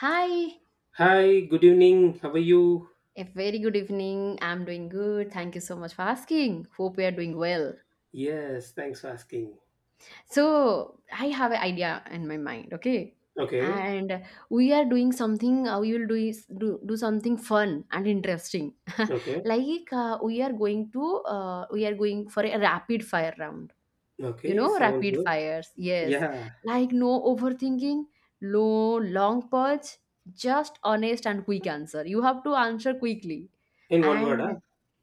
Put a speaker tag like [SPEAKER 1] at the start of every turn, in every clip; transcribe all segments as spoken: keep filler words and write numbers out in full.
[SPEAKER 1] Hi,
[SPEAKER 2] Hi, good evening. How are you?
[SPEAKER 1] a very good evening. I'm doing good. Thank you so much for asking. Hope we are doing well.
[SPEAKER 2] Yes, thanks for asking.
[SPEAKER 1] So, I have an idea in my mind, okay?
[SPEAKER 2] Okay,
[SPEAKER 1] And we are doing something, uh, we will do, is- do, do something fun and interesting.
[SPEAKER 2] okay,
[SPEAKER 1] Like uh, we are going to, uh, we are going for a rapid fire round. You
[SPEAKER 2] okay,
[SPEAKER 1] know
[SPEAKER 2] sounds
[SPEAKER 1] rapid
[SPEAKER 2] good.
[SPEAKER 1] fires? Yes.
[SPEAKER 2] Yeah,
[SPEAKER 1] Like, no overthinking, no long purge, just honest and quick answer. You have to answer quickly.
[SPEAKER 2] in one word,
[SPEAKER 1] And
[SPEAKER 2] huh?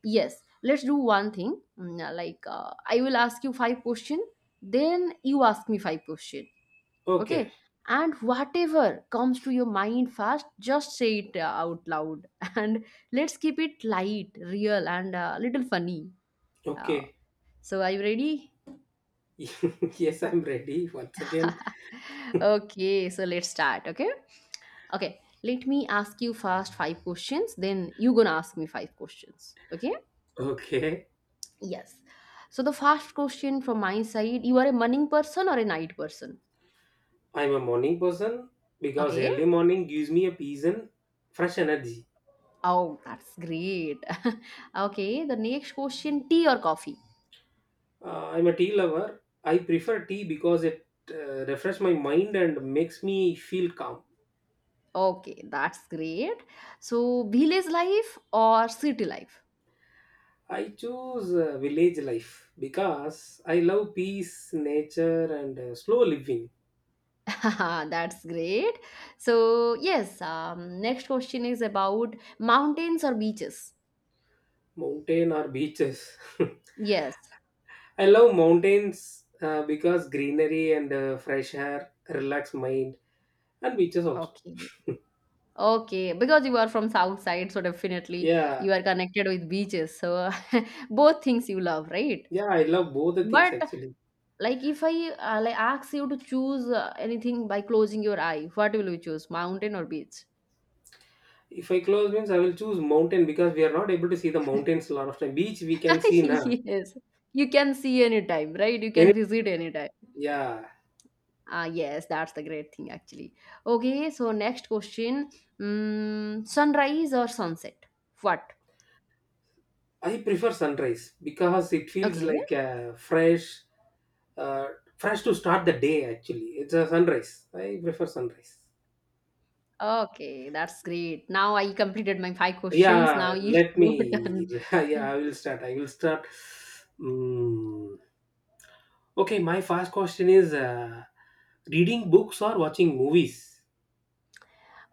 [SPEAKER 1] yes, let's do one thing. Mm, uh, like uh, I will ask you five question, then you ask me five question.
[SPEAKER 2] Okay,
[SPEAKER 1] Okay. And whatever comes to your mind first, just say it uh, out loud, and let's keep it light, real, and a little funny. uh,
[SPEAKER 2] okay.
[SPEAKER 1] so are you ready?
[SPEAKER 2] Yes, I'm ready once again.
[SPEAKER 1] Okay, so let's start. Okay. Okay. Let me ask you first five questions, then you gonna ask me five questions. Okay.
[SPEAKER 2] Okay,
[SPEAKER 1] Yes. So the first question from my side, you are a morning person or a night person?
[SPEAKER 2] I'm a morning person because
[SPEAKER 1] Okay.
[SPEAKER 2] early morning gives me a peace and fresh energy.
[SPEAKER 1] Oh, that's great. Okay. The next question, tea or coffee?
[SPEAKER 2] Uh, I'm a tea lover. I prefer tea because it uh, refresh my mind and makes me feel calm.
[SPEAKER 1] Okay, that's great. So village life or city life?
[SPEAKER 2] I choose uh, village life because I love peace, nature, and uh, slow living,
[SPEAKER 1] That's great. So yes, um, next question is about mountains or beaches.
[SPEAKER 2] mountain or beaches.
[SPEAKER 1] Yes.
[SPEAKER 2] I love mountains uh, because greenery and uh, fresh air relax mind, and beaches also.
[SPEAKER 1] Okay. Okay. Because you are from south side, so definitely
[SPEAKER 2] Yeah,
[SPEAKER 1] you are connected with beaches. So both things you love, right?
[SPEAKER 2] yeah, I love both the things
[SPEAKER 1] But
[SPEAKER 2] actually.
[SPEAKER 1] like if I uh, like ask you to choose uh, anything by closing your eye, what will you choose? Mountain or beach?
[SPEAKER 2] If I close means I will choose mountain because we are not able to see the mountains a lot of time. Beach we can see now.
[SPEAKER 1] Yes. You can see anytime, right? You
[SPEAKER 2] Any-
[SPEAKER 1] can visit anytime.
[SPEAKER 2] yeah,
[SPEAKER 1] Ah, yes, that's the great thing actually. Okay, so next question. Mm, sunrise or sunset? What?
[SPEAKER 2] I prefer sunrise because it feels
[SPEAKER 1] Okay.
[SPEAKER 2] like uh, fresh. Uh, Fresh to start the day, actually. It's a sunrise. I prefer sunrise.
[SPEAKER 1] Okay, that's great. Now I completed my five questions. Now
[SPEAKER 2] Yeah,
[SPEAKER 1] it's
[SPEAKER 2] let
[SPEAKER 1] your turn.
[SPEAKER 2] me. Yeah, I will start. I will start. Mm. Okay, my first question is uh, reading books or watching movies?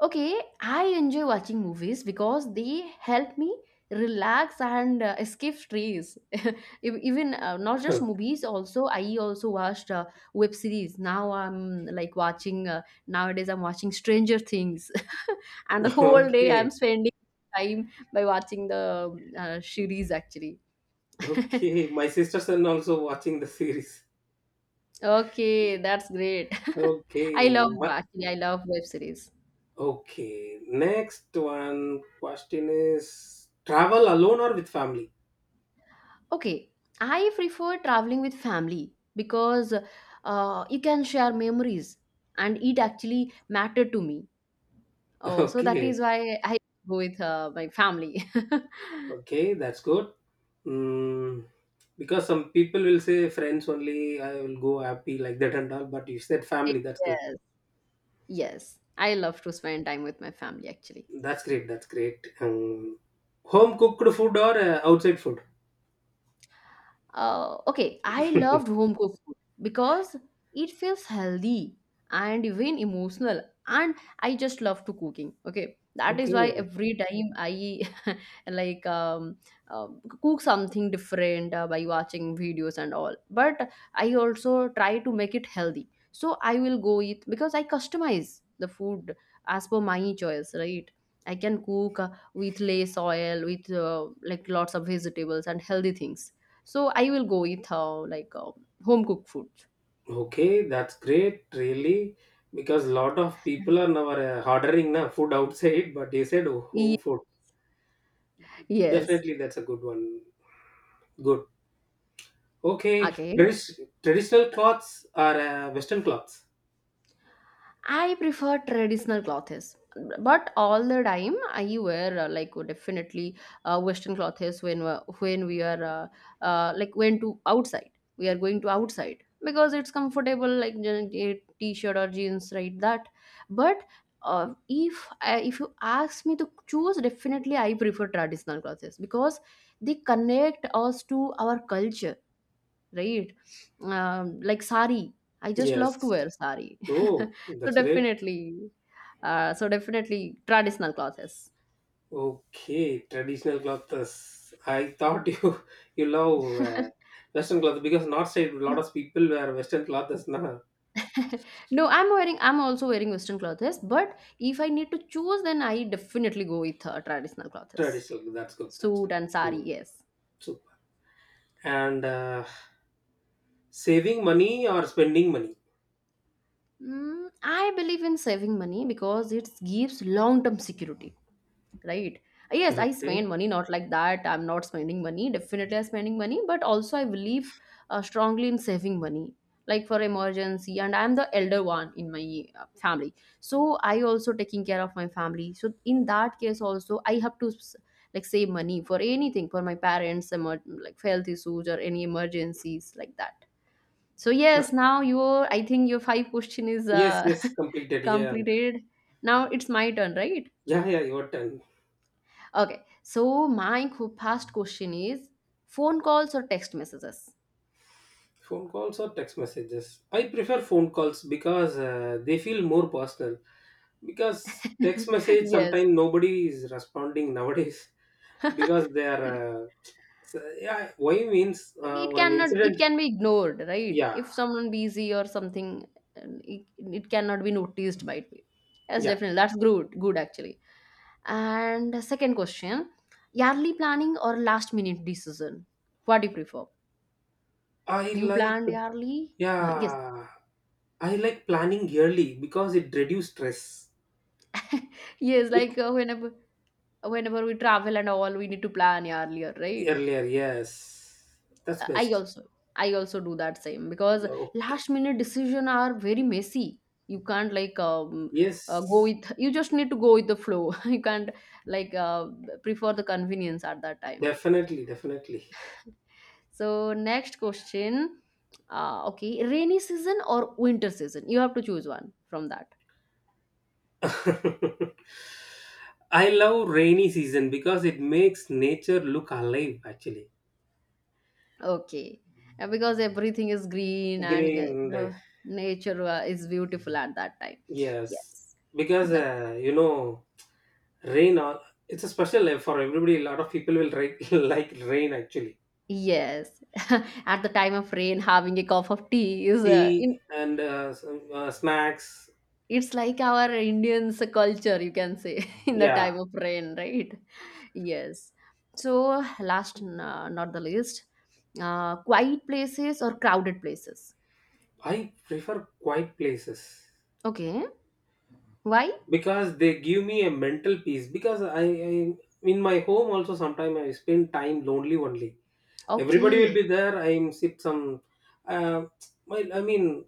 [SPEAKER 1] Okay, I enjoy watching movies because they help me relax and uh, escape stress. Ev- Even uh, not just movies, also I also watched uh, web series. Now I'm like watching. Uh, nowadays I'm watching Stranger Things, and the whole day I'm
[SPEAKER 2] Okay,
[SPEAKER 1] spending time by watching the um, uh, series actually.
[SPEAKER 2] okay. My sister's son also watching the series.
[SPEAKER 1] Okay, that's great. I
[SPEAKER 2] Okay,
[SPEAKER 1] love
[SPEAKER 2] my,
[SPEAKER 1] actually, I love web series.
[SPEAKER 2] okay. Next one question is travel alone or with family?
[SPEAKER 1] Okay, I prefer traveling with family because uh, you can share memories, and it actually matter to me. Oh, so that
[SPEAKER 2] Okay.
[SPEAKER 1] is why I go with uh, my family.
[SPEAKER 2] Okay, that's good. Mm, because some people will say friends only, I will go happy like that and all. But you said family, that's good.
[SPEAKER 1] Yes, yes, I love to spend time with my family actually.
[SPEAKER 2] That's great. That's great. Um, home cooked food or uh, outside food?
[SPEAKER 1] Uh, okay, I loved home cooked food because it feels healthy and even emotional, and I just love to cooking. Okay, that is why
[SPEAKER 2] Okay,
[SPEAKER 1] every time I like um, uh, cook something different uh, by watching videos and all, but I also try to make it healthy, so I will go eat because I customize the food as per my choice, right? I can cook, uh, with less oil, with uh, like lots of vegetables and healthy things, so I will go eat uh, like uh, home cooked food.
[SPEAKER 2] okay, that's great, really, because a lot of people are now uh, ordering na food outside, but you said oh, home
[SPEAKER 1] Ye-
[SPEAKER 2] food.
[SPEAKER 1] yes.
[SPEAKER 2] Definitely, that's a good one. Good. Okay,
[SPEAKER 1] Okay,
[SPEAKER 2] tradi- traditional cloths are uh, Western cloths.
[SPEAKER 1] I prefer traditional clothes, but all the time I wear uh, like uh, definitely uh, Western clothes when we- when we are uh, uh, like when to outside. We are going to outside because it's comfortable, like je- je- t-shirt or jeans, right? That, but. Uh, if I, if you ask me to choose, definitely I prefer traditional clothes because they connect us to our culture, right? Um, like sari, I just love to
[SPEAKER 2] Yes.
[SPEAKER 1] wear sari.
[SPEAKER 2] Oh,
[SPEAKER 1] so
[SPEAKER 2] that's great.
[SPEAKER 1] definitely, uh, so definitely traditional clothes.
[SPEAKER 2] Okay, traditional clothes. I thought you you love uh, Western clothes because North side a lot of people wear Western clothes, not
[SPEAKER 1] No, I'm wearing. I'm also wearing Western clothes, but if I need to choose, then I definitely go with uh, traditional clothes,
[SPEAKER 2] traditional. That's good. That's good.
[SPEAKER 1] suit and sari.
[SPEAKER 2] Hmm,
[SPEAKER 1] Yes.
[SPEAKER 2] super. And uh, saving money or spending money.
[SPEAKER 1] Mm, I believe in saving money because it gives long term security. Right. Yes, I spend
[SPEAKER 2] Okay.
[SPEAKER 1] money, not like that I'm not spending money, definitely I'm spending money, but also I believe uh, strongly in saving money, like for emergency, and I'm the elder one in my uh, family, so I also taking care of my family, so in that case also I have to s- like save money for anything, for my parents emer- like health issues or any emergencies like that. So yes, now your, I think your five question is,
[SPEAKER 2] Yes.
[SPEAKER 1] uh,
[SPEAKER 2] Yes. Completed. Yeah.
[SPEAKER 1] completed. Now it's my turn, right?
[SPEAKER 2] Yeah. Yeah. Your turn.
[SPEAKER 1] Okay. So my qu- past question is phone calls or text messages?
[SPEAKER 2] Phone calls or text messages. I prefer phone calls because uh, they feel more personal. Because text message
[SPEAKER 1] Yes.
[SPEAKER 2] sometimes nobody is responding nowadays. Because they are. Uh, So, yeah, why means uh,
[SPEAKER 1] It
[SPEAKER 2] one
[SPEAKER 1] cannot
[SPEAKER 2] incident.
[SPEAKER 1] it can be ignored, right?
[SPEAKER 2] Yeah,
[SPEAKER 1] If someone busy or something, and it, it cannot be noticed by it. Yes,
[SPEAKER 2] yeah.
[SPEAKER 1] definitely. That's good good actually. And the second question, yearly planning or last minute decision? What do you prefer?
[SPEAKER 2] I
[SPEAKER 1] You
[SPEAKER 2] like,
[SPEAKER 1] planned yearly? Uh, yes.
[SPEAKER 2] yeah, I like planning yearly because it reduces stress.
[SPEAKER 1] Yes, like
[SPEAKER 2] Week
[SPEAKER 1] uh, whenever whenever we travel and all, we need to plan earlier, right?
[SPEAKER 2] earlier, yes, that's
[SPEAKER 1] I
[SPEAKER 2] best.
[SPEAKER 1] also I also do that same because
[SPEAKER 2] Yeah, Okay,
[SPEAKER 1] last minute decision are very messy. You can't like um, uh, go
[SPEAKER 2] yes,
[SPEAKER 1] with you just need to go with the flow. You can't like uh, prefer the convenience at that time.
[SPEAKER 2] definitely, definitely.
[SPEAKER 1] So next question, uh, okay, rainy season or winter season? You have to choose one from that.
[SPEAKER 2] I love rainy season because it makes nature look alive. Actually,
[SPEAKER 1] Okay, Uh, because everything is green and uh,
[SPEAKER 2] green.
[SPEAKER 1] the nature uh, is beautiful at that time.
[SPEAKER 2] Yes,
[SPEAKER 1] Yes,
[SPEAKER 2] because
[SPEAKER 1] that's.
[SPEAKER 2] uh, you know rain, all it's a special life for everybody. A lot of people will write, like rain actually.
[SPEAKER 1] Yes, at the time of rain, having a cup of tea is uh,
[SPEAKER 2] Tea
[SPEAKER 1] in,
[SPEAKER 2] and uh, some, uh, snacks.
[SPEAKER 1] it's like our Indians culture, you can say, in the
[SPEAKER 2] Yeah,
[SPEAKER 1] time of rain, right? Yes. So, last, n- uh, not the least, uh, quiet places or crowded places.
[SPEAKER 2] I prefer quiet places
[SPEAKER 1] Okay. Why?
[SPEAKER 2] because they give me a mental peace. Because I, I in my home also sometimes I spend time lonely only. Everybody will
[SPEAKER 1] Okay.
[SPEAKER 2] be there. I sit some. Uh, my I mean,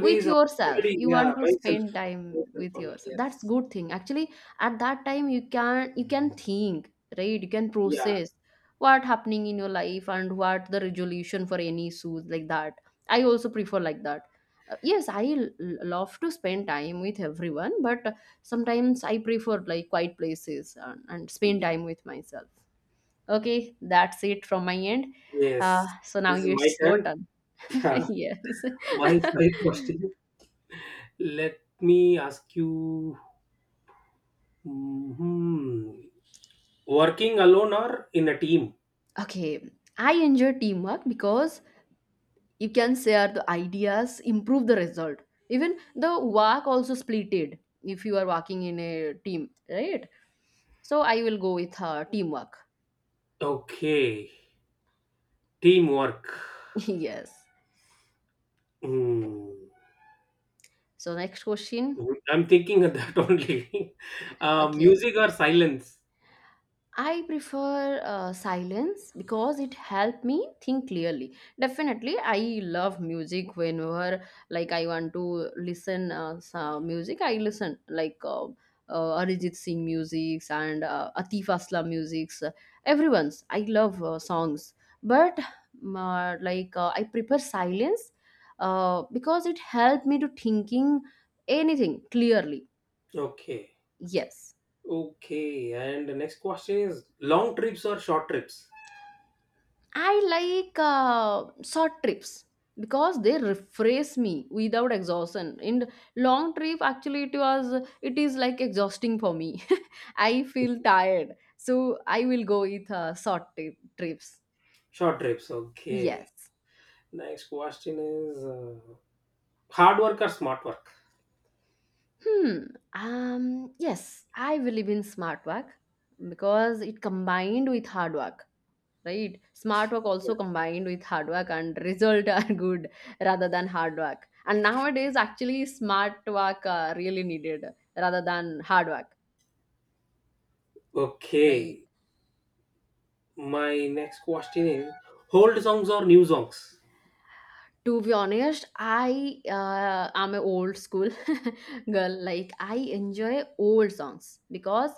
[SPEAKER 1] With yourself.
[SPEAKER 2] everybody.
[SPEAKER 1] You
[SPEAKER 2] Yeah,
[SPEAKER 1] want to
[SPEAKER 2] myself,
[SPEAKER 1] spend time
[SPEAKER 2] myself
[SPEAKER 1] with
[SPEAKER 2] only.
[SPEAKER 1] yourself, that's
[SPEAKER 2] Yes.
[SPEAKER 1] good thing actually. At that time you can you can think, right? You can
[SPEAKER 2] Yeah.
[SPEAKER 1] process what happening in your life and what the resolution for any issues like that. I also prefer like that. Uh, yes, I l- love to spend time with everyone, but sometimes I prefer like quiet places, and, and spend
[SPEAKER 2] Yeah.
[SPEAKER 1] time with myself. Okay, that's it from my end. uh,
[SPEAKER 2] Yes.
[SPEAKER 1] so now
[SPEAKER 2] This is my
[SPEAKER 1] it's your
[SPEAKER 2] turn.
[SPEAKER 1] turn.
[SPEAKER 2] Yeah.
[SPEAKER 1] Yes.
[SPEAKER 2] My my question. Let me ask you. Mhm. Working alone or in a team?
[SPEAKER 1] Okay, I enjoy teamwork because you can share the ideas, improve the result. Even the work also splitted if you are working in a team, right? So I will go with uh, teamwork.
[SPEAKER 2] Okay, teamwork.
[SPEAKER 1] Yes.
[SPEAKER 2] Hmm.
[SPEAKER 1] So next question.
[SPEAKER 2] I'm thinking of that only. Uh,
[SPEAKER 1] Okay.
[SPEAKER 2] music or silence?
[SPEAKER 1] I prefer uh, silence because it helped me think clearly. Definitely, I love music whenever like I want to listen uh, some music. I listen like uh, uh, Arijit Singh musics and uh, Atif Aslam musics. Uh, everyone's. I love uh, songs, but um, uh, like uh, I prefer silence uh, because it helped me to thinking anything clearly.
[SPEAKER 2] Okay,
[SPEAKER 1] Yes.
[SPEAKER 2] okay. And the next question is long trips or short trips?
[SPEAKER 1] I like uh, short trips because they refresh me without exhaustion. In long trip, actually, it was it is like exhausting for me. I feel tired, so I will go with uh, short tri- trips.
[SPEAKER 2] Short trips. Okay.
[SPEAKER 1] Yes.
[SPEAKER 2] Next question is uh, hard work or smart work?
[SPEAKER 1] Hmm. Um. Yes, I believe in smart work because it combined with hard work. Right? Smart work also combined with hard work and result are good rather than hard work. And nowadays, actually, smart work are really needed rather than hard work, right?
[SPEAKER 2] Okay. My next question is old songs or new songs?
[SPEAKER 1] To be honest, I uh, am a old school girl. Like I enjoy old songs because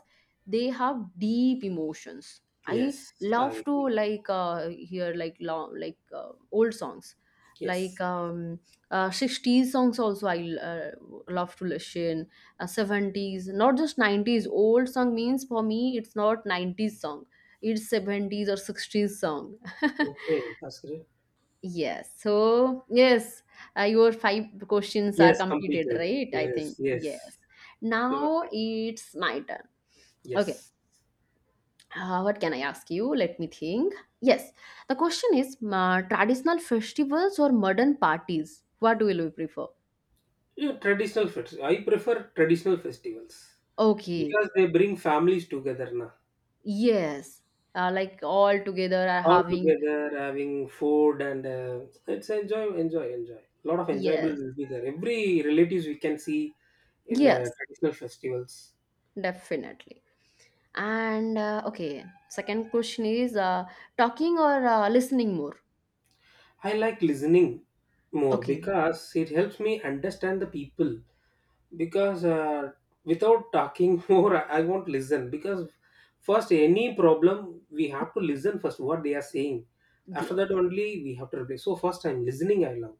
[SPEAKER 1] they have deep emotions. I
[SPEAKER 2] Yes,
[SPEAKER 1] love
[SPEAKER 2] I
[SPEAKER 1] to
[SPEAKER 2] agree.
[SPEAKER 1] like uh, hear like long like uh, old songs, like
[SPEAKER 2] Yes.
[SPEAKER 1] um, uh, sixties songs also. I uh, love to listen uh, seventies, not just nineties. Old song means for me it's not nineties song. It's seventies or sixties song.
[SPEAKER 2] Okay, that's great.
[SPEAKER 1] Yes. So, yes, uh, your five questions are
[SPEAKER 2] Yes,
[SPEAKER 1] completed,
[SPEAKER 2] completed.
[SPEAKER 1] right? I
[SPEAKER 2] Yes,
[SPEAKER 1] think.
[SPEAKER 2] yes.
[SPEAKER 1] Yes.
[SPEAKER 2] Your
[SPEAKER 1] Now
[SPEAKER 2] turn.
[SPEAKER 1] it's my turn. Okay.
[SPEAKER 2] Yes.
[SPEAKER 1] Uh, what can I ask you? Let me think. Yes. The question is, uh, traditional festivals or modern parties? What will you prefer?
[SPEAKER 2] Yeah, traditional fest. I prefer traditional festivals
[SPEAKER 1] Okay.
[SPEAKER 2] because they bring families together now.
[SPEAKER 1] Yes. Uh, like all together are
[SPEAKER 2] All
[SPEAKER 1] having.
[SPEAKER 2] together having food and uh, it's enjoy, enjoy, enjoy. A lot of enjoyable
[SPEAKER 1] Yes.
[SPEAKER 2] will be there. Every relatives we can see in uh,
[SPEAKER 1] Yes.
[SPEAKER 2] traditional festivals.
[SPEAKER 1] Definitely. And uh, okay. Second question is, uh, talking or uh, listening more?
[SPEAKER 2] I like listening more
[SPEAKER 1] Okay.
[SPEAKER 2] because it helps me understand the people. Because uh, without talking more, I I won't listen. Because first, any problem, we have to listen first what they are saying. After that,
[SPEAKER 1] Yes.
[SPEAKER 2] only we have to reply. So, first, I'm listening, I love.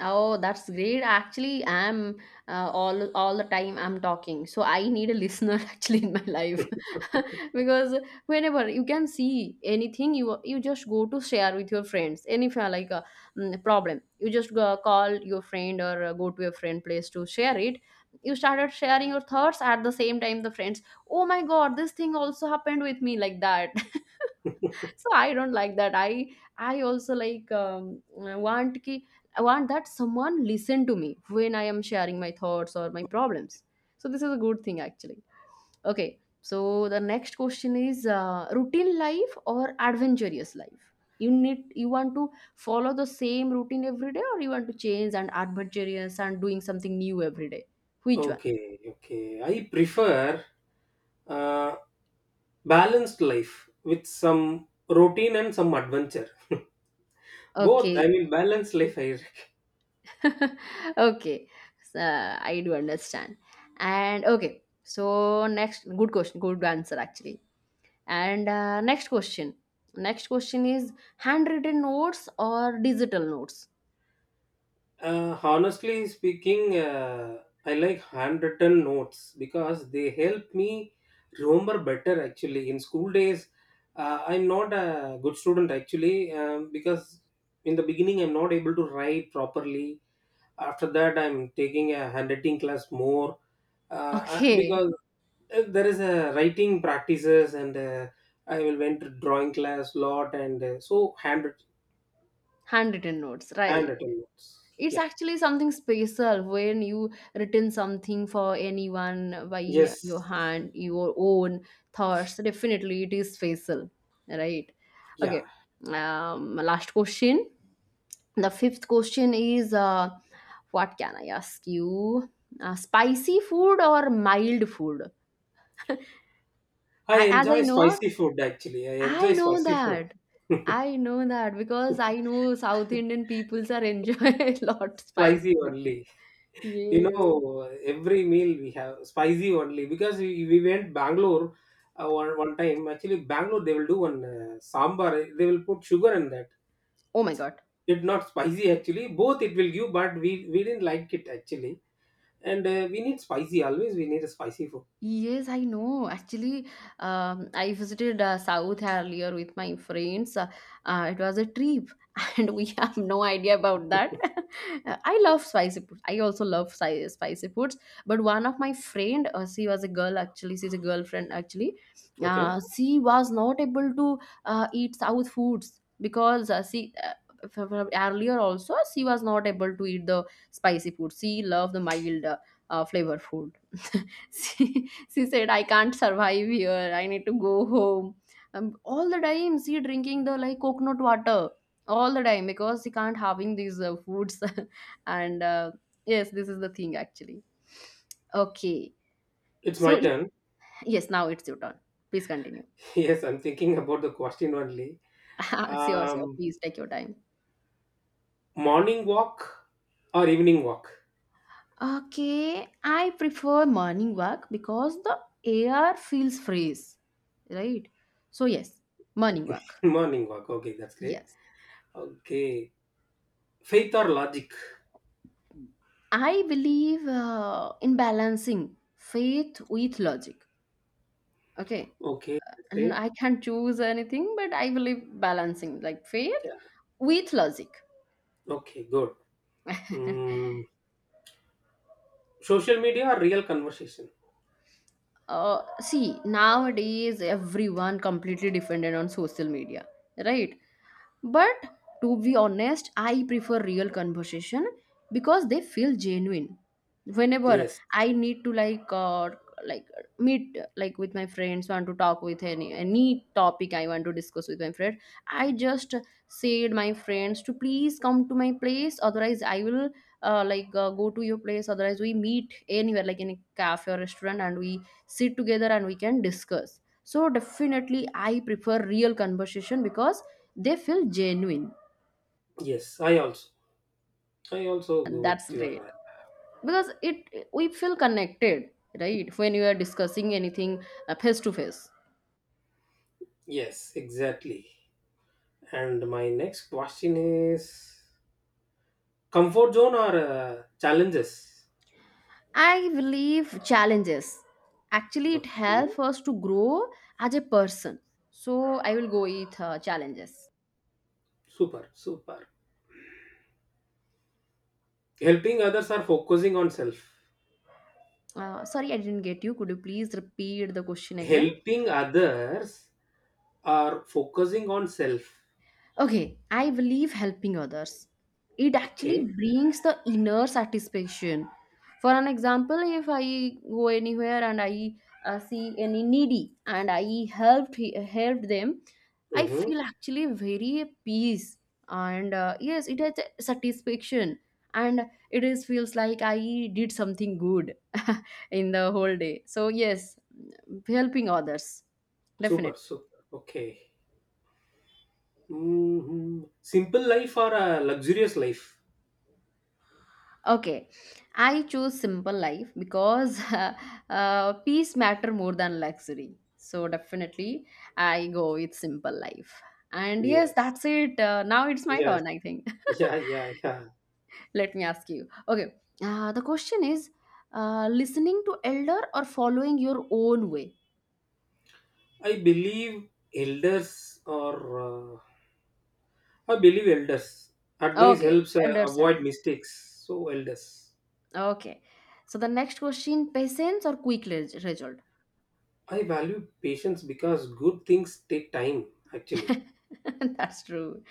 [SPEAKER 1] Oh, that's great. Actually, I'm uh, all all the time I'm talking, so I need a listener actually in my life. because whenever you can see anything, you you just go to share with your friends. And if you are like a mm, problem, you just go, call your friend or uh, go to your friend place to share it. You started sharing your thoughts at the same time. The friends, oh my god, this thing also happened with me like that. So I don't like that. I i also like um, uh, want ki, I want that someone listen to me when I am sharing my thoughts or my problems. So this is a good thing, actually. Okay. So the next question is, uh, routine life or adventurous life? You need, you want to follow the same routine every day, or you want to change and adventurous and doing something new every day? Which one?
[SPEAKER 2] Okay, okay. I prefer uh, balanced life with some routine and some adventure. Both,
[SPEAKER 1] Okay.
[SPEAKER 2] I mean, balanced life I.
[SPEAKER 1] Okay. So, I do understand. And okay. So next, good question, good answer actually. And uh, next question, next question is handwritten notes or digital notes?
[SPEAKER 2] Uh, honestly speaking, uh, I like handwritten notes because they help me remember better. Actually, in school days, uh, I'm not a good student actually um, because in the beginning I'm not able to write properly. After that, I'm taking a handwriting class more. Uh, I-
[SPEAKER 1] Okay,
[SPEAKER 2] because uh, there is a writing practices and uh, I will went to drawing class lot and uh, so handwritten
[SPEAKER 1] handwritten notes, right?
[SPEAKER 2] handwritten notes.
[SPEAKER 1] It's
[SPEAKER 2] Yeah.
[SPEAKER 1] actually something special when you written something for anyone by your
[SPEAKER 2] Yes.
[SPEAKER 1] hand, your own thoughts, definitely it is special, right?
[SPEAKER 2] Yeah.
[SPEAKER 1] Okay. Um, last question, the fifth question is, uh, what can I ask you? Uh, spicy food or mild food?
[SPEAKER 2] I
[SPEAKER 1] I, as I
[SPEAKER 2] enjoy
[SPEAKER 1] know,
[SPEAKER 2] spicy food actually. I
[SPEAKER 1] I
[SPEAKER 2] enjoy
[SPEAKER 1] know
[SPEAKER 2] spicy food.
[SPEAKER 1] that, I know that because I know South Indian peoples are enjoy a lot
[SPEAKER 2] Spicy
[SPEAKER 1] spicy food.
[SPEAKER 2] only. You
[SPEAKER 1] Yes.
[SPEAKER 2] know, every meal we have spicy only because we, we went Bangalore uh, one, one time. Actually, Bangalore they will do one uh, sambar. They will put sugar in that.
[SPEAKER 1] Oh my god.
[SPEAKER 2] It not spicy actually. Both it will give, but we we didn't like it actually. And uh, we need spicy always. We need a spicy food.
[SPEAKER 1] Yes, I know. Actually, um, I visited uh, South earlier with my friends. Uh, uh, it was a trip, and we have no idea about that. Uh, I love spicy food. I also love spi- spicy foods. But one of my friend, uh, she was a girl actually. She's a girlfriend actually. Uh,
[SPEAKER 2] Okay,
[SPEAKER 1] she was not able to uh, eat South foods because uh, she. Uh, f- f- earlier also she was not able to eat the spicy food. She loved the mild uh, uh, flavor food. She, she said I can't survive here, I need to go home. Um, all the time she drinking the like coconut water all the time because she can't having these uh, foods. And uh, yes, this is the thing actually. Okay.
[SPEAKER 2] it's my
[SPEAKER 1] So
[SPEAKER 2] turn.
[SPEAKER 1] yes, now it's your turn, please continue.
[SPEAKER 2] Yes, I'm thinking about the question only.
[SPEAKER 1] Sure, sure,
[SPEAKER 2] Um,
[SPEAKER 1] please take your time.
[SPEAKER 2] Morning walk or evening walk?
[SPEAKER 1] Okay, I prefer morning walk because the air feels fresh, right? So yes, morning walk.
[SPEAKER 2] Morning walk. Okay, that's great.
[SPEAKER 1] Yes.
[SPEAKER 2] Okay. Faith or logic?
[SPEAKER 1] I believe uh, in balancing faith with logic. Okay.
[SPEAKER 2] Okay, that's
[SPEAKER 1] And
[SPEAKER 2] great.
[SPEAKER 1] I can't choose anything, but I believe balancing like faith
[SPEAKER 2] Yeah.
[SPEAKER 1] with logic.
[SPEAKER 2] Okay, good. Mm, Social media or real conversation?
[SPEAKER 1] Uh, see, nowadays everyone completely dependent on social media, right? But to be honest, I prefer real conversation because they feel genuine. Whenever
[SPEAKER 2] Yes.
[SPEAKER 1] I need to like uh, like meet like with my friends, want to talk with any any topic I want to discuss with my friend, I just said my friends to please come to my place. Otherwise, I will uh, like uh, go to your place, otherwise we meet anywhere like in a cafe or restaurant and we sit together and we can discuss. So definitely I prefer real conversation because they feel genuine,
[SPEAKER 2] Yes, I also. I also go
[SPEAKER 1] and
[SPEAKER 2] with
[SPEAKER 1] that's great
[SPEAKER 2] your.
[SPEAKER 1] because it, we feel connected, right, when you are discussing anything, uh, face to face.
[SPEAKER 2] Yes, exactly. And my next question is comfort zone or uh, challenges?
[SPEAKER 1] I believe challenges. Actually it
[SPEAKER 2] Okay.
[SPEAKER 1] helps us to grow as a person. So I will go with uh, challenges.
[SPEAKER 2] Super, super. Helping others or focusing on self?
[SPEAKER 1] Uh, sorry, I didn't get you, could you please repeat the question again?
[SPEAKER 2] Helping others are focusing on self.
[SPEAKER 1] Okay, I believe helping others. It actually
[SPEAKER 2] Okay.
[SPEAKER 1] brings the inner satisfaction. For an example, if I go anywhere and I uh, see any needy and I helped he- helped them, I
[SPEAKER 2] Mm-hmm.
[SPEAKER 1] feel actually very at peace, and uh, yes, it has a satisfaction, and it is feels like I did something good in the whole day. So yes, helping others,
[SPEAKER 2] Super,
[SPEAKER 1] definitely.
[SPEAKER 2] super. Okay. hmm Simple life or a luxurious life?
[SPEAKER 1] Okay, I choose simple life because uh, peace matter more than luxury. So definitely, I go with simple life. And yes,
[SPEAKER 2] Yes.
[SPEAKER 1] that's it. Uh, now it's my
[SPEAKER 2] Yes.
[SPEAKER 1] turn, I think.
[SPEAKER 2] Yeah, yeah, yeah.
[SPEAKER 1] Let me ask you. Okay, uh, the question is, uh, listening to elder or following your own way?
[SPEAKER 2] I believe elders or uh, I believe elders. Advice
[SPEAKER 1] Okay,
[SPEAKER 2] helps uh,
[SPEAKER 1] elder sir.
[SPEAKER 2] avoid mistakes. So elders.
[SPEAKER 1] Okay. So the next question, patience or quick res- result?
[SPEAKER 2] I value patience because good things take time. Actually,
[SPEAKER 1] That's true.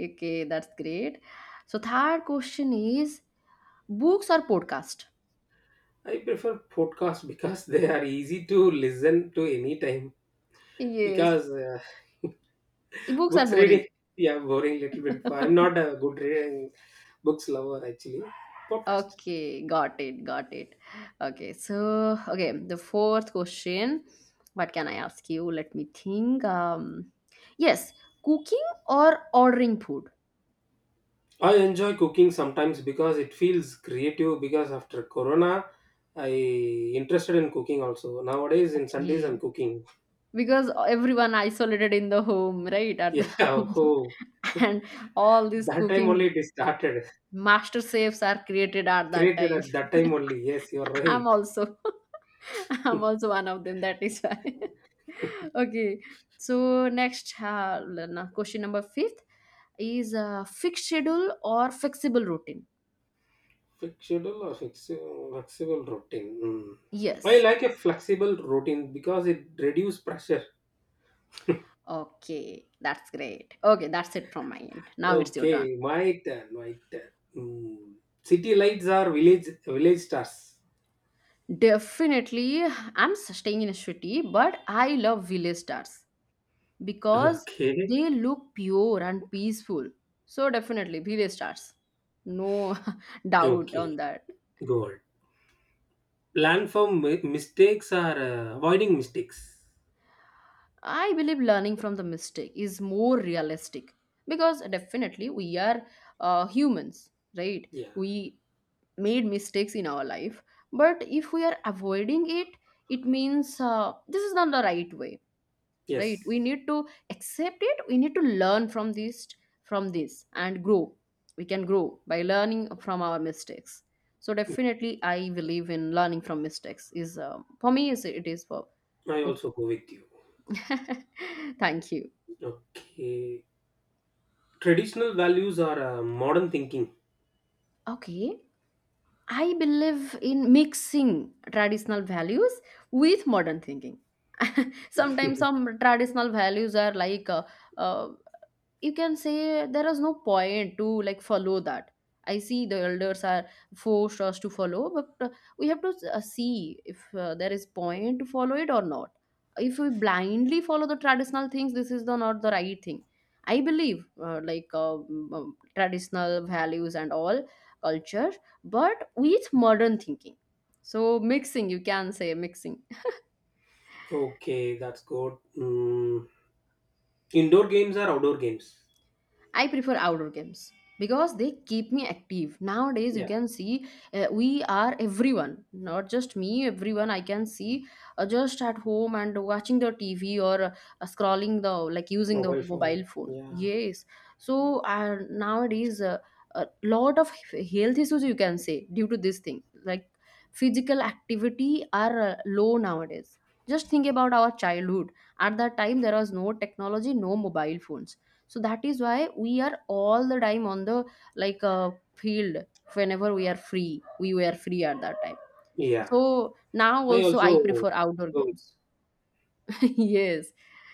[SPEAKER 1] Okay, that's great. So third question is, books or podcast?
[SPEAKER 2] I prefer podcasts because they are easy to listen to anytime.
[SPEAKER 1] Yes.
[SPEAKER 2] Because uh,
[SPEAKER 1] Books are
[SPEAKER 2] books
[SPEAKER 1] boring.
[SPEAKER 2] reading, yeah, boring little bit. I'm not a good reading books lover actually. Podcast.
[SPEAKER 1] Okay, got it, got it. Okay, so okay, the fourth question. What can I ask you? Let me think. Um, yes, cooking or ordering food.
[SPEAKER 2] I enjoy cooking sometimes because it feels creative. Because after Corona, I interested in cooking also. Nowadays, in Sundays, I'm
[SPEAKER 1] Okay,
[SPEAKER 2] cooking.
[SPEAKER 1] because everyone isolated in the home, right? At the
[SPEAKER 2] Yeah,
[SPEAKER 1] home,
[SPEAKER 2] oh,
[SPEAKER 1] and all these
[SPEAKER 2] that time only
[SPEAKER 1] cooking
[SPEAKER 2] it is started.
[SPEAKER 1] master chefs are created at that
[SPEAKER 2] Created
[SPEAKER 1] time.
[SPEAKER 2] at that time only. Yes, you're
[SPEAKER 1] I'm
[SPEAKER 2] right.
[SPEAKER 1] also, I'm also one of them. That is why. Okay, so next uh, l- question number fifth is uh, fixed schedule or flexible routine?
[SPEAKER 2] Fixed schedule or fixed, Flexible routine. Hmm. I
[SPEAKER 1] Yes.
[SPEAKER 2] like a flexible routine because it reduces pressure.
[SPEAKER 1] Okay, that's great. Okay, that's it from my end. Now it's your turn.
[SPEAKER 2] Okay, my turn, my turn. Hmm. City lights are village village stars.
[SPEAKER 1] Definitely, I'm staying in a city, but I love village stars because
[SPEAKER 2] Okay,
[SPEAKER 1] they look pure and peaceful. So definitely, village stars. No doubt on
[SPEAKER 2] okay,
[SPEAKER 1] that.
[SPEAKER 2] go on. Learn from mi- mistakes or uh, avoiding mistakes.
[SPEAKER 1] I believe learning from the mistake is more realistic because definitely we are uh, humans, right?
[SPEAKER 2] Yeah.
[SPEAKER 1] We made mistakes in our life, but if we are avoiding it, it means uh, this is not the right way, right?
[SPEAKER 2] Yes.
[SPEAKER 1] We need to accept it. We need to learn from this, from this, and grow. We can grow by learning from our mistakes. So definitely, I believe in learning from mistakes. Is uh, for me, is it is for
[SPEAKER 2] I
[SPEAKER 1] okay.
[SPEAKER 2] also go with you.
[SPEAKER 1] Thank you.
[SPEAKER 2] Okay, traditional values are uh, modern thinking.
[SPEAKER 1] Okay, I believe in mixing traditional values with modern thinking. Sometimes some traditional values are like uh, uh, you can say there is no point to like follow that. I see the elders are forced us to follow, but uh, we have to uh, see if uh, there is point to follow it or not. If we blindly follow the traditional things, this is the not the right thing. I believe uh, like uh, mm, um, traditional values and all culture, but with modern thinking. So mixing, you can say mixing.
[SPEAKER 2] Okay, that's good. Mm, indoor games are outdoor games?
[SPEAKER 1] I prefer outdoor games because they keep me active. Nowadays, you
[SPEAKER 2] Yeah.
[SPEAKER 1] can see uh, we are everyone, not just me, everyone I can see uh, just at home and watching the T V or uh, scrolling the like using the
[SPEAKER 2] Mobile phone.
[SPEAKER 1] mobile phone.
[SPEAKER 2] Yeah.
[SPEAKER 1] Yes. So uh, nowadays, a uh, a lot of health issues you can say due to this thing. Like physical activity are uh, low nowadays. Just think about our childhood. At that time, there was no technology, no mobile phones, so that is why we are all the time on the like uh, field. Whenever we are free, we were free at that time.
[SPEAKER 2] Yeah,
[SPEAKER 1] So now
[SPEAKER 2] I
[SPEAKER 1] also I
[SPEAKER 2] also
[SPEAKER 1] prefer outdoor
[SPEAKER 2] go
[SPEAKER 1] games. Yes,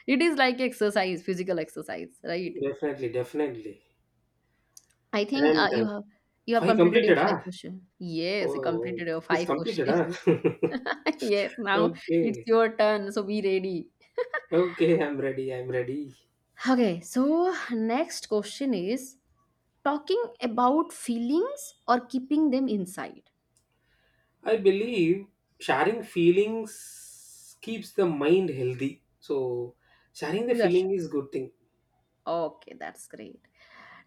[SPEAKER 1] it is like exercise, physical exercise, right?
[SPEAKER 2] definitely, definitely.
[SPEAKER 1] I think uh,
[SPEAKER 2] And uh,
[SPEAKER 1] you have, you have
[SPEAKER 2] five
[SPEAKER 1] completed your
[SPEAKER 2] completed,
[SPEAKER 1] five
[SPEAKER 2] ah?
[SPEAKER 1] question. Yes, you
[SPEAKER 2] Oh,
[SPEAKER 1] completed your
[SPEAKER 2] it's
[SPEAKER 1] five
[SPEAKER 2] completed,
[SPEAKER 1] question.
[SPEAKER 2] ah?
[SPEAKER 1] Yes, now it's
[SPEAKER 2] okay,
[SPEAKER 1] your turn, so be ready.
[SPEAKER 2] okay, I'm ready, I'm ready.
[SPEAKER 1] Okay, so next question is, talking about feelings or keeping them inside?
[SPEAKER 2] I believe sharing feelings keeps the mind healthy. So, sharing the
[SPEAKER 1] You are.
[SPEAKER 2] feeling is good thing.
[SPEAKER 1] Okay, that's great.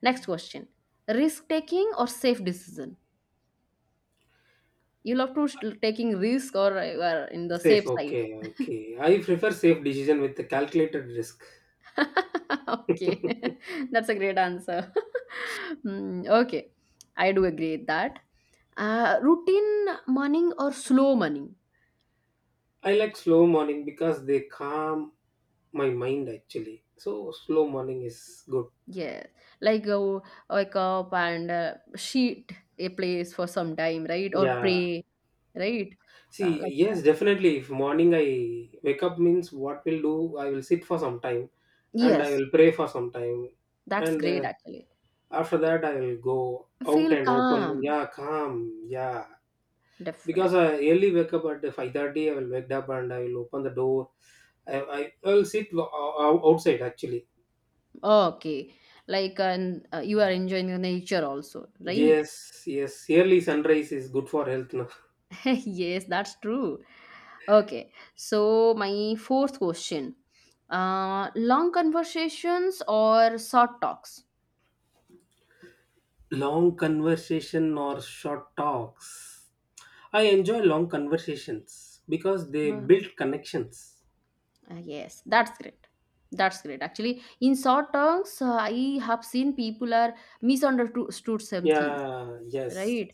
[SPEAKER 1] Next question. Risk taking or safe decision? You love to sh- taking risk, or you are in the
[SPEAKER 2] Safe,
[SPEAKER 1] safe side?
[SPEAKER 2] okay, okay. I prefer safe decision with the calculated risk.
[SPEAKER 1] Okay. That's a great answer. Hmm, okay. I do agree with that. Uh, routine morning or slow morning?
[SPEAKER 2] I like slow morning because they calm my mind actually. So, slow morning is good.
[SPEAKER 1] Yeah. Like uh, wake up and uh, sheet a place for some time, right? Or
[SPEAKER 2] Yeah,
[SPEAKER 1] pray, right? Uh,
[SPEAKER 2] see,
[SPEAKER 1] like
[SPEAKER 2] yes, definitely. If morning I wake up means what will do, I will sit for some time and I
[SPEAKER 1] yes,
[SPEAKER 2] will pray for some time.
[SPEAKER 1] that's
[SPEAKER 2] And
[SPEAKER 1] great
[SPEAKER 2] uh,
[SPEAKER 1] actually.
[SPEAKER 2] after that, I will go out
[SPEAKER 1] Feel
[SPEAKER 2] and open.
[SPEAKER 1] calm.
[SPEAKER 2] Yeah, calm. Yeah. Because
[SPEAKER 1] Definitely.
[SPEAKER 2] I early wake up at five thirty, I will wake up and I will open the door. I, I, I will sit o- o- outside actually.
[SPEAKER 1] Okay. Like, and uh, you are enjoying the nature also, right?
[SPEAKER 2] Yes, yes. Early sunrise is good for health. No?
[SPEAKER 1] Yes, that's true. Okay. So, my fourth question, uh, long conversations or short talks?
[SPEAKER 2] Long conversation or short talks. I enjoy long conversations because they
[SPEAKER 1] Uh,
[SPEAKER 2] build connections.
[SPEAKER 1] Uh, yes, that's great. That's great. Actually, in short talks, uh, I have seen people are misunderstood some things,
[SPEAKER 2] Yeah, yes,
[SPEAKER 1] right?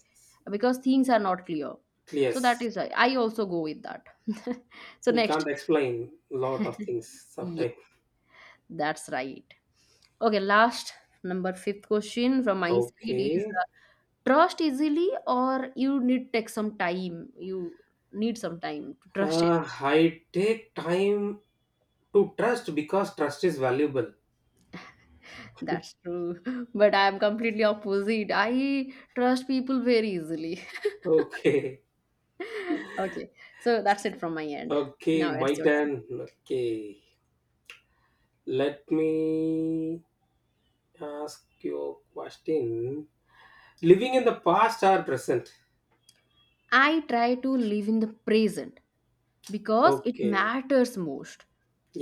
[SPEAKER 1] Because things are not clear. So that
[SPEAKER 2] yes.
[SPEAKER 1] is why I also go with that. So
[SPEAKER 2] We
[SPEAKER 1] next,
[SPEAKER 2] can't explain a lot of things
[SPEAKER 1] yeah,
[SPEAKER 2] sometimes.
[SPEAKER 1] that's right. Okay, last number fifth question from my side is,
[SPEAKER 2] Okay.
[SPEAKER 1] uh, trust easily or you need take some time? You need some time to trust it.
[SPEAKER 2] Uh, I take time to trust because trust is valuable.
[SPEAKER 1] That's true. But I am completely opposite. I trust people very easily.
[SPEAKER 2] Okay.
[SPEAKER 1] Okay, so that's it from my end.
[SPEAKER 2] Okay,
[SPEAKER 1] Now
[SPEAKER 2] my
[SPEAKER 1] it's your turn.
[SPEAKER 2] turn. Okay. Let me ask you a question. Living in the past or present?
[SPEAKER 1] I try to live in the present because it
[SPEAKER 2] Okay.
[SPEAKER 1] matters most.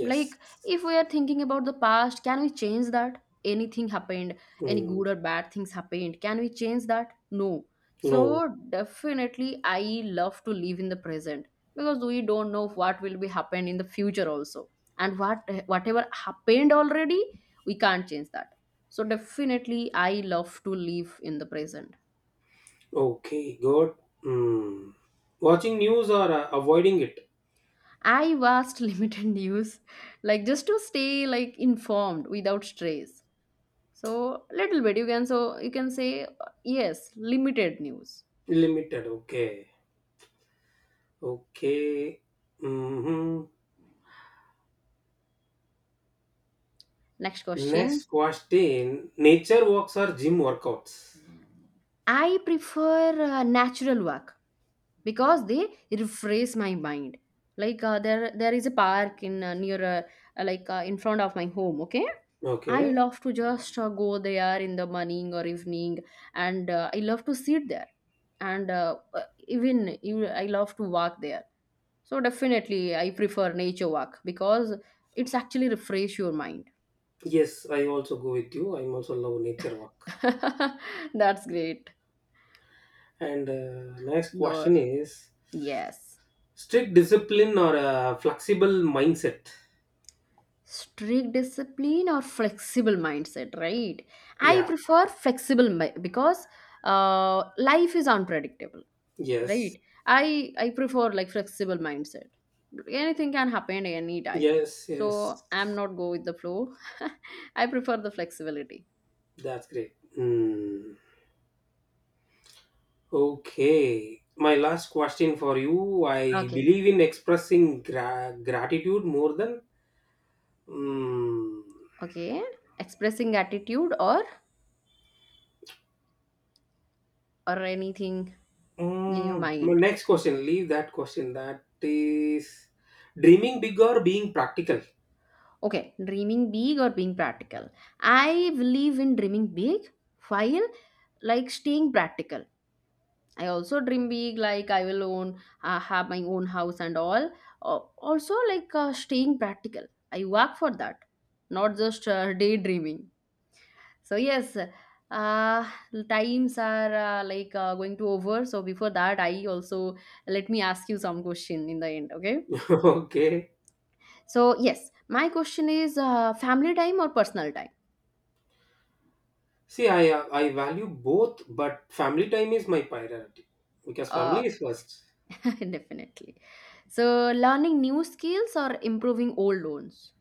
[SPEAKER 1] Like if we are thinking about the past, can we change that? Anything happened, any
[SPEAKER 2] Hmm.
[SPEAKER 1] good or bad things happened, can we change that? No. So
[SPEAKER 2] No.
[SPEAKER 1] definitely I love to live in the present because we don't know what will be happen in the future also, and what, whatever happened already, we can't change that. So definitely I love to live in the present.
[SPEAKER 2] Okay, good. Hmm. Watching news or uh, avoiding it?
[SPEAKER 1] I watched limited news, like just to stay like informed without stress. So little bit you can, so you can say uh, yes, limited news.
[SPEAKER 2] Limited. Okay. Okay. Mm-hmm.
[SPEAKER 1] Next question.
[SPEAKER 2] Next question. Nature walks or gym workouts?
[SPEAKER 1] I prefer uh, natural walk because they refresh my mind. Like uh, there there is a park in uh, near uh, like uh, in front of my home, okay? I
[SPEAKER 2] Okay.
[SPEAKER 1] love to just uh, go there in the morning or evening, and uh, I love to sit there, and uh, uh, even you, I love to walk there. So definitely I prefer nature walk because it's actually refresh your mind.
[SPEAKER 2] Yes, I also go with you. I'm also love nature walk.
[SPEAKER 1] That's great.
[SPEAKER 2] And uh, next
[SPEAKER 1] Your
[SPEAKER 2] question is
[SPEAKER 1] yes.
[SPEAKER 2] strict discipline or a flexible mindset?
[SPEAKER 1] Strict discipline or flexible mindset, right? I
[SPEAKER 2] Yeah.
[SPEAKER 1] prefer flexible mi- because uh, life is unpredictable,
[SPEAKER 2] Yes.
[SPEAKER 1] right? I I prefer like flexible mindset. Anything can happen anytime.
[SPEAKER 2] Yes.
[SPEAKER 1] So
[SPEAKER 2] Yes.
[SPEAKER 1] I'm not go with the flow. I prefer the flexibility.
[SPEAKER 2] That's great. Hmm. Okay, my last question for you. I
[SPEAKER 1] Okay.
[SPEAKER 2] believe in expressing gra- gratitude more than. Mm,
[SPEAKER 1] Okay. Expressing attitude or or anything in your
[SPEAKER 2] mm, my
[SPEAKER 1] mind.
[SPEAKER 2] next question, leave that question. That is Dreaming big or being practical.
[SPEAKER 1] Okay, dreaming big or being practical. I believe in dreaming big while like staying practical. I also dream big, like I will own, uh, have my own house and all. Uh, also, like uh, staying practical. I work for that, not just uh, daydreaming. So yes, uh, times are uh, like uh, going to over. So before that, I also let me ask you some question in the end. Okay.
[SPEAKER 2] Okay.
[SPEAKER 1] So yes, my question is, uh, family time or personal time.
[SPEAKER 2] See, I I value both, but family time is my priority because family
[SPEAKER 1] Uh,
[SPEAKER 2] is first.
[SPEAKER 1] definitely. So, learning new skills or improving old ones.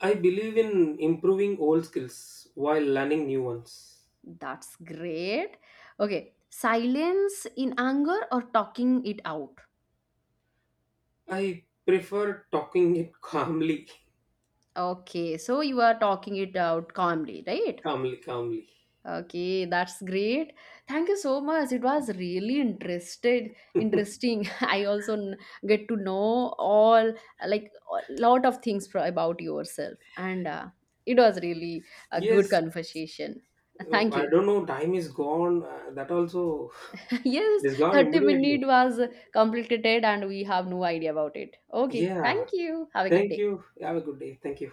[SPEAKER 2] I believe in improving old skills while learning new ones.
[SPEAKER 1] That's great. Okay. Silence in anger or talking it out.
[SPEAKER 2] I prefer talking it calmly,
[SPEAKER 1] Okay. So, you are talking it out calmly, right?
[SPEAKER 2] calmly, calmly.
[SPEAKER 1] Okay, that's great. Thank you so much. It was really interested, interesting. I also n- get to know all like a lot of things pro- about yourself, and uh, it was really a good
[SPEAKER 2] Yes,
[SPEAKER 1] conversation.
[SPEAKER 2] uh,
[SPEAKER 1] Thank
[SPEAKER 2] I
[SPEAKER 1] you.
[SPEAKER 2] don't know. Time is gone. Uh, that also,
[SPEAKER 1] Yes,
[SPEAKER 2] it is gone
[SPEAKER 1] thirty
[SPEAKER 2] immediately.
[SPEAKER 1] minute was completed and we have no idea about it. Okay, thank
[SPEAKER 2] Yeah.
[SPEAKER 1] you. Have a good
[SPEAKER 2] Thank
[SPEAKER 1] day.
[SPEAKER 2] you. Have a good day. Thank you.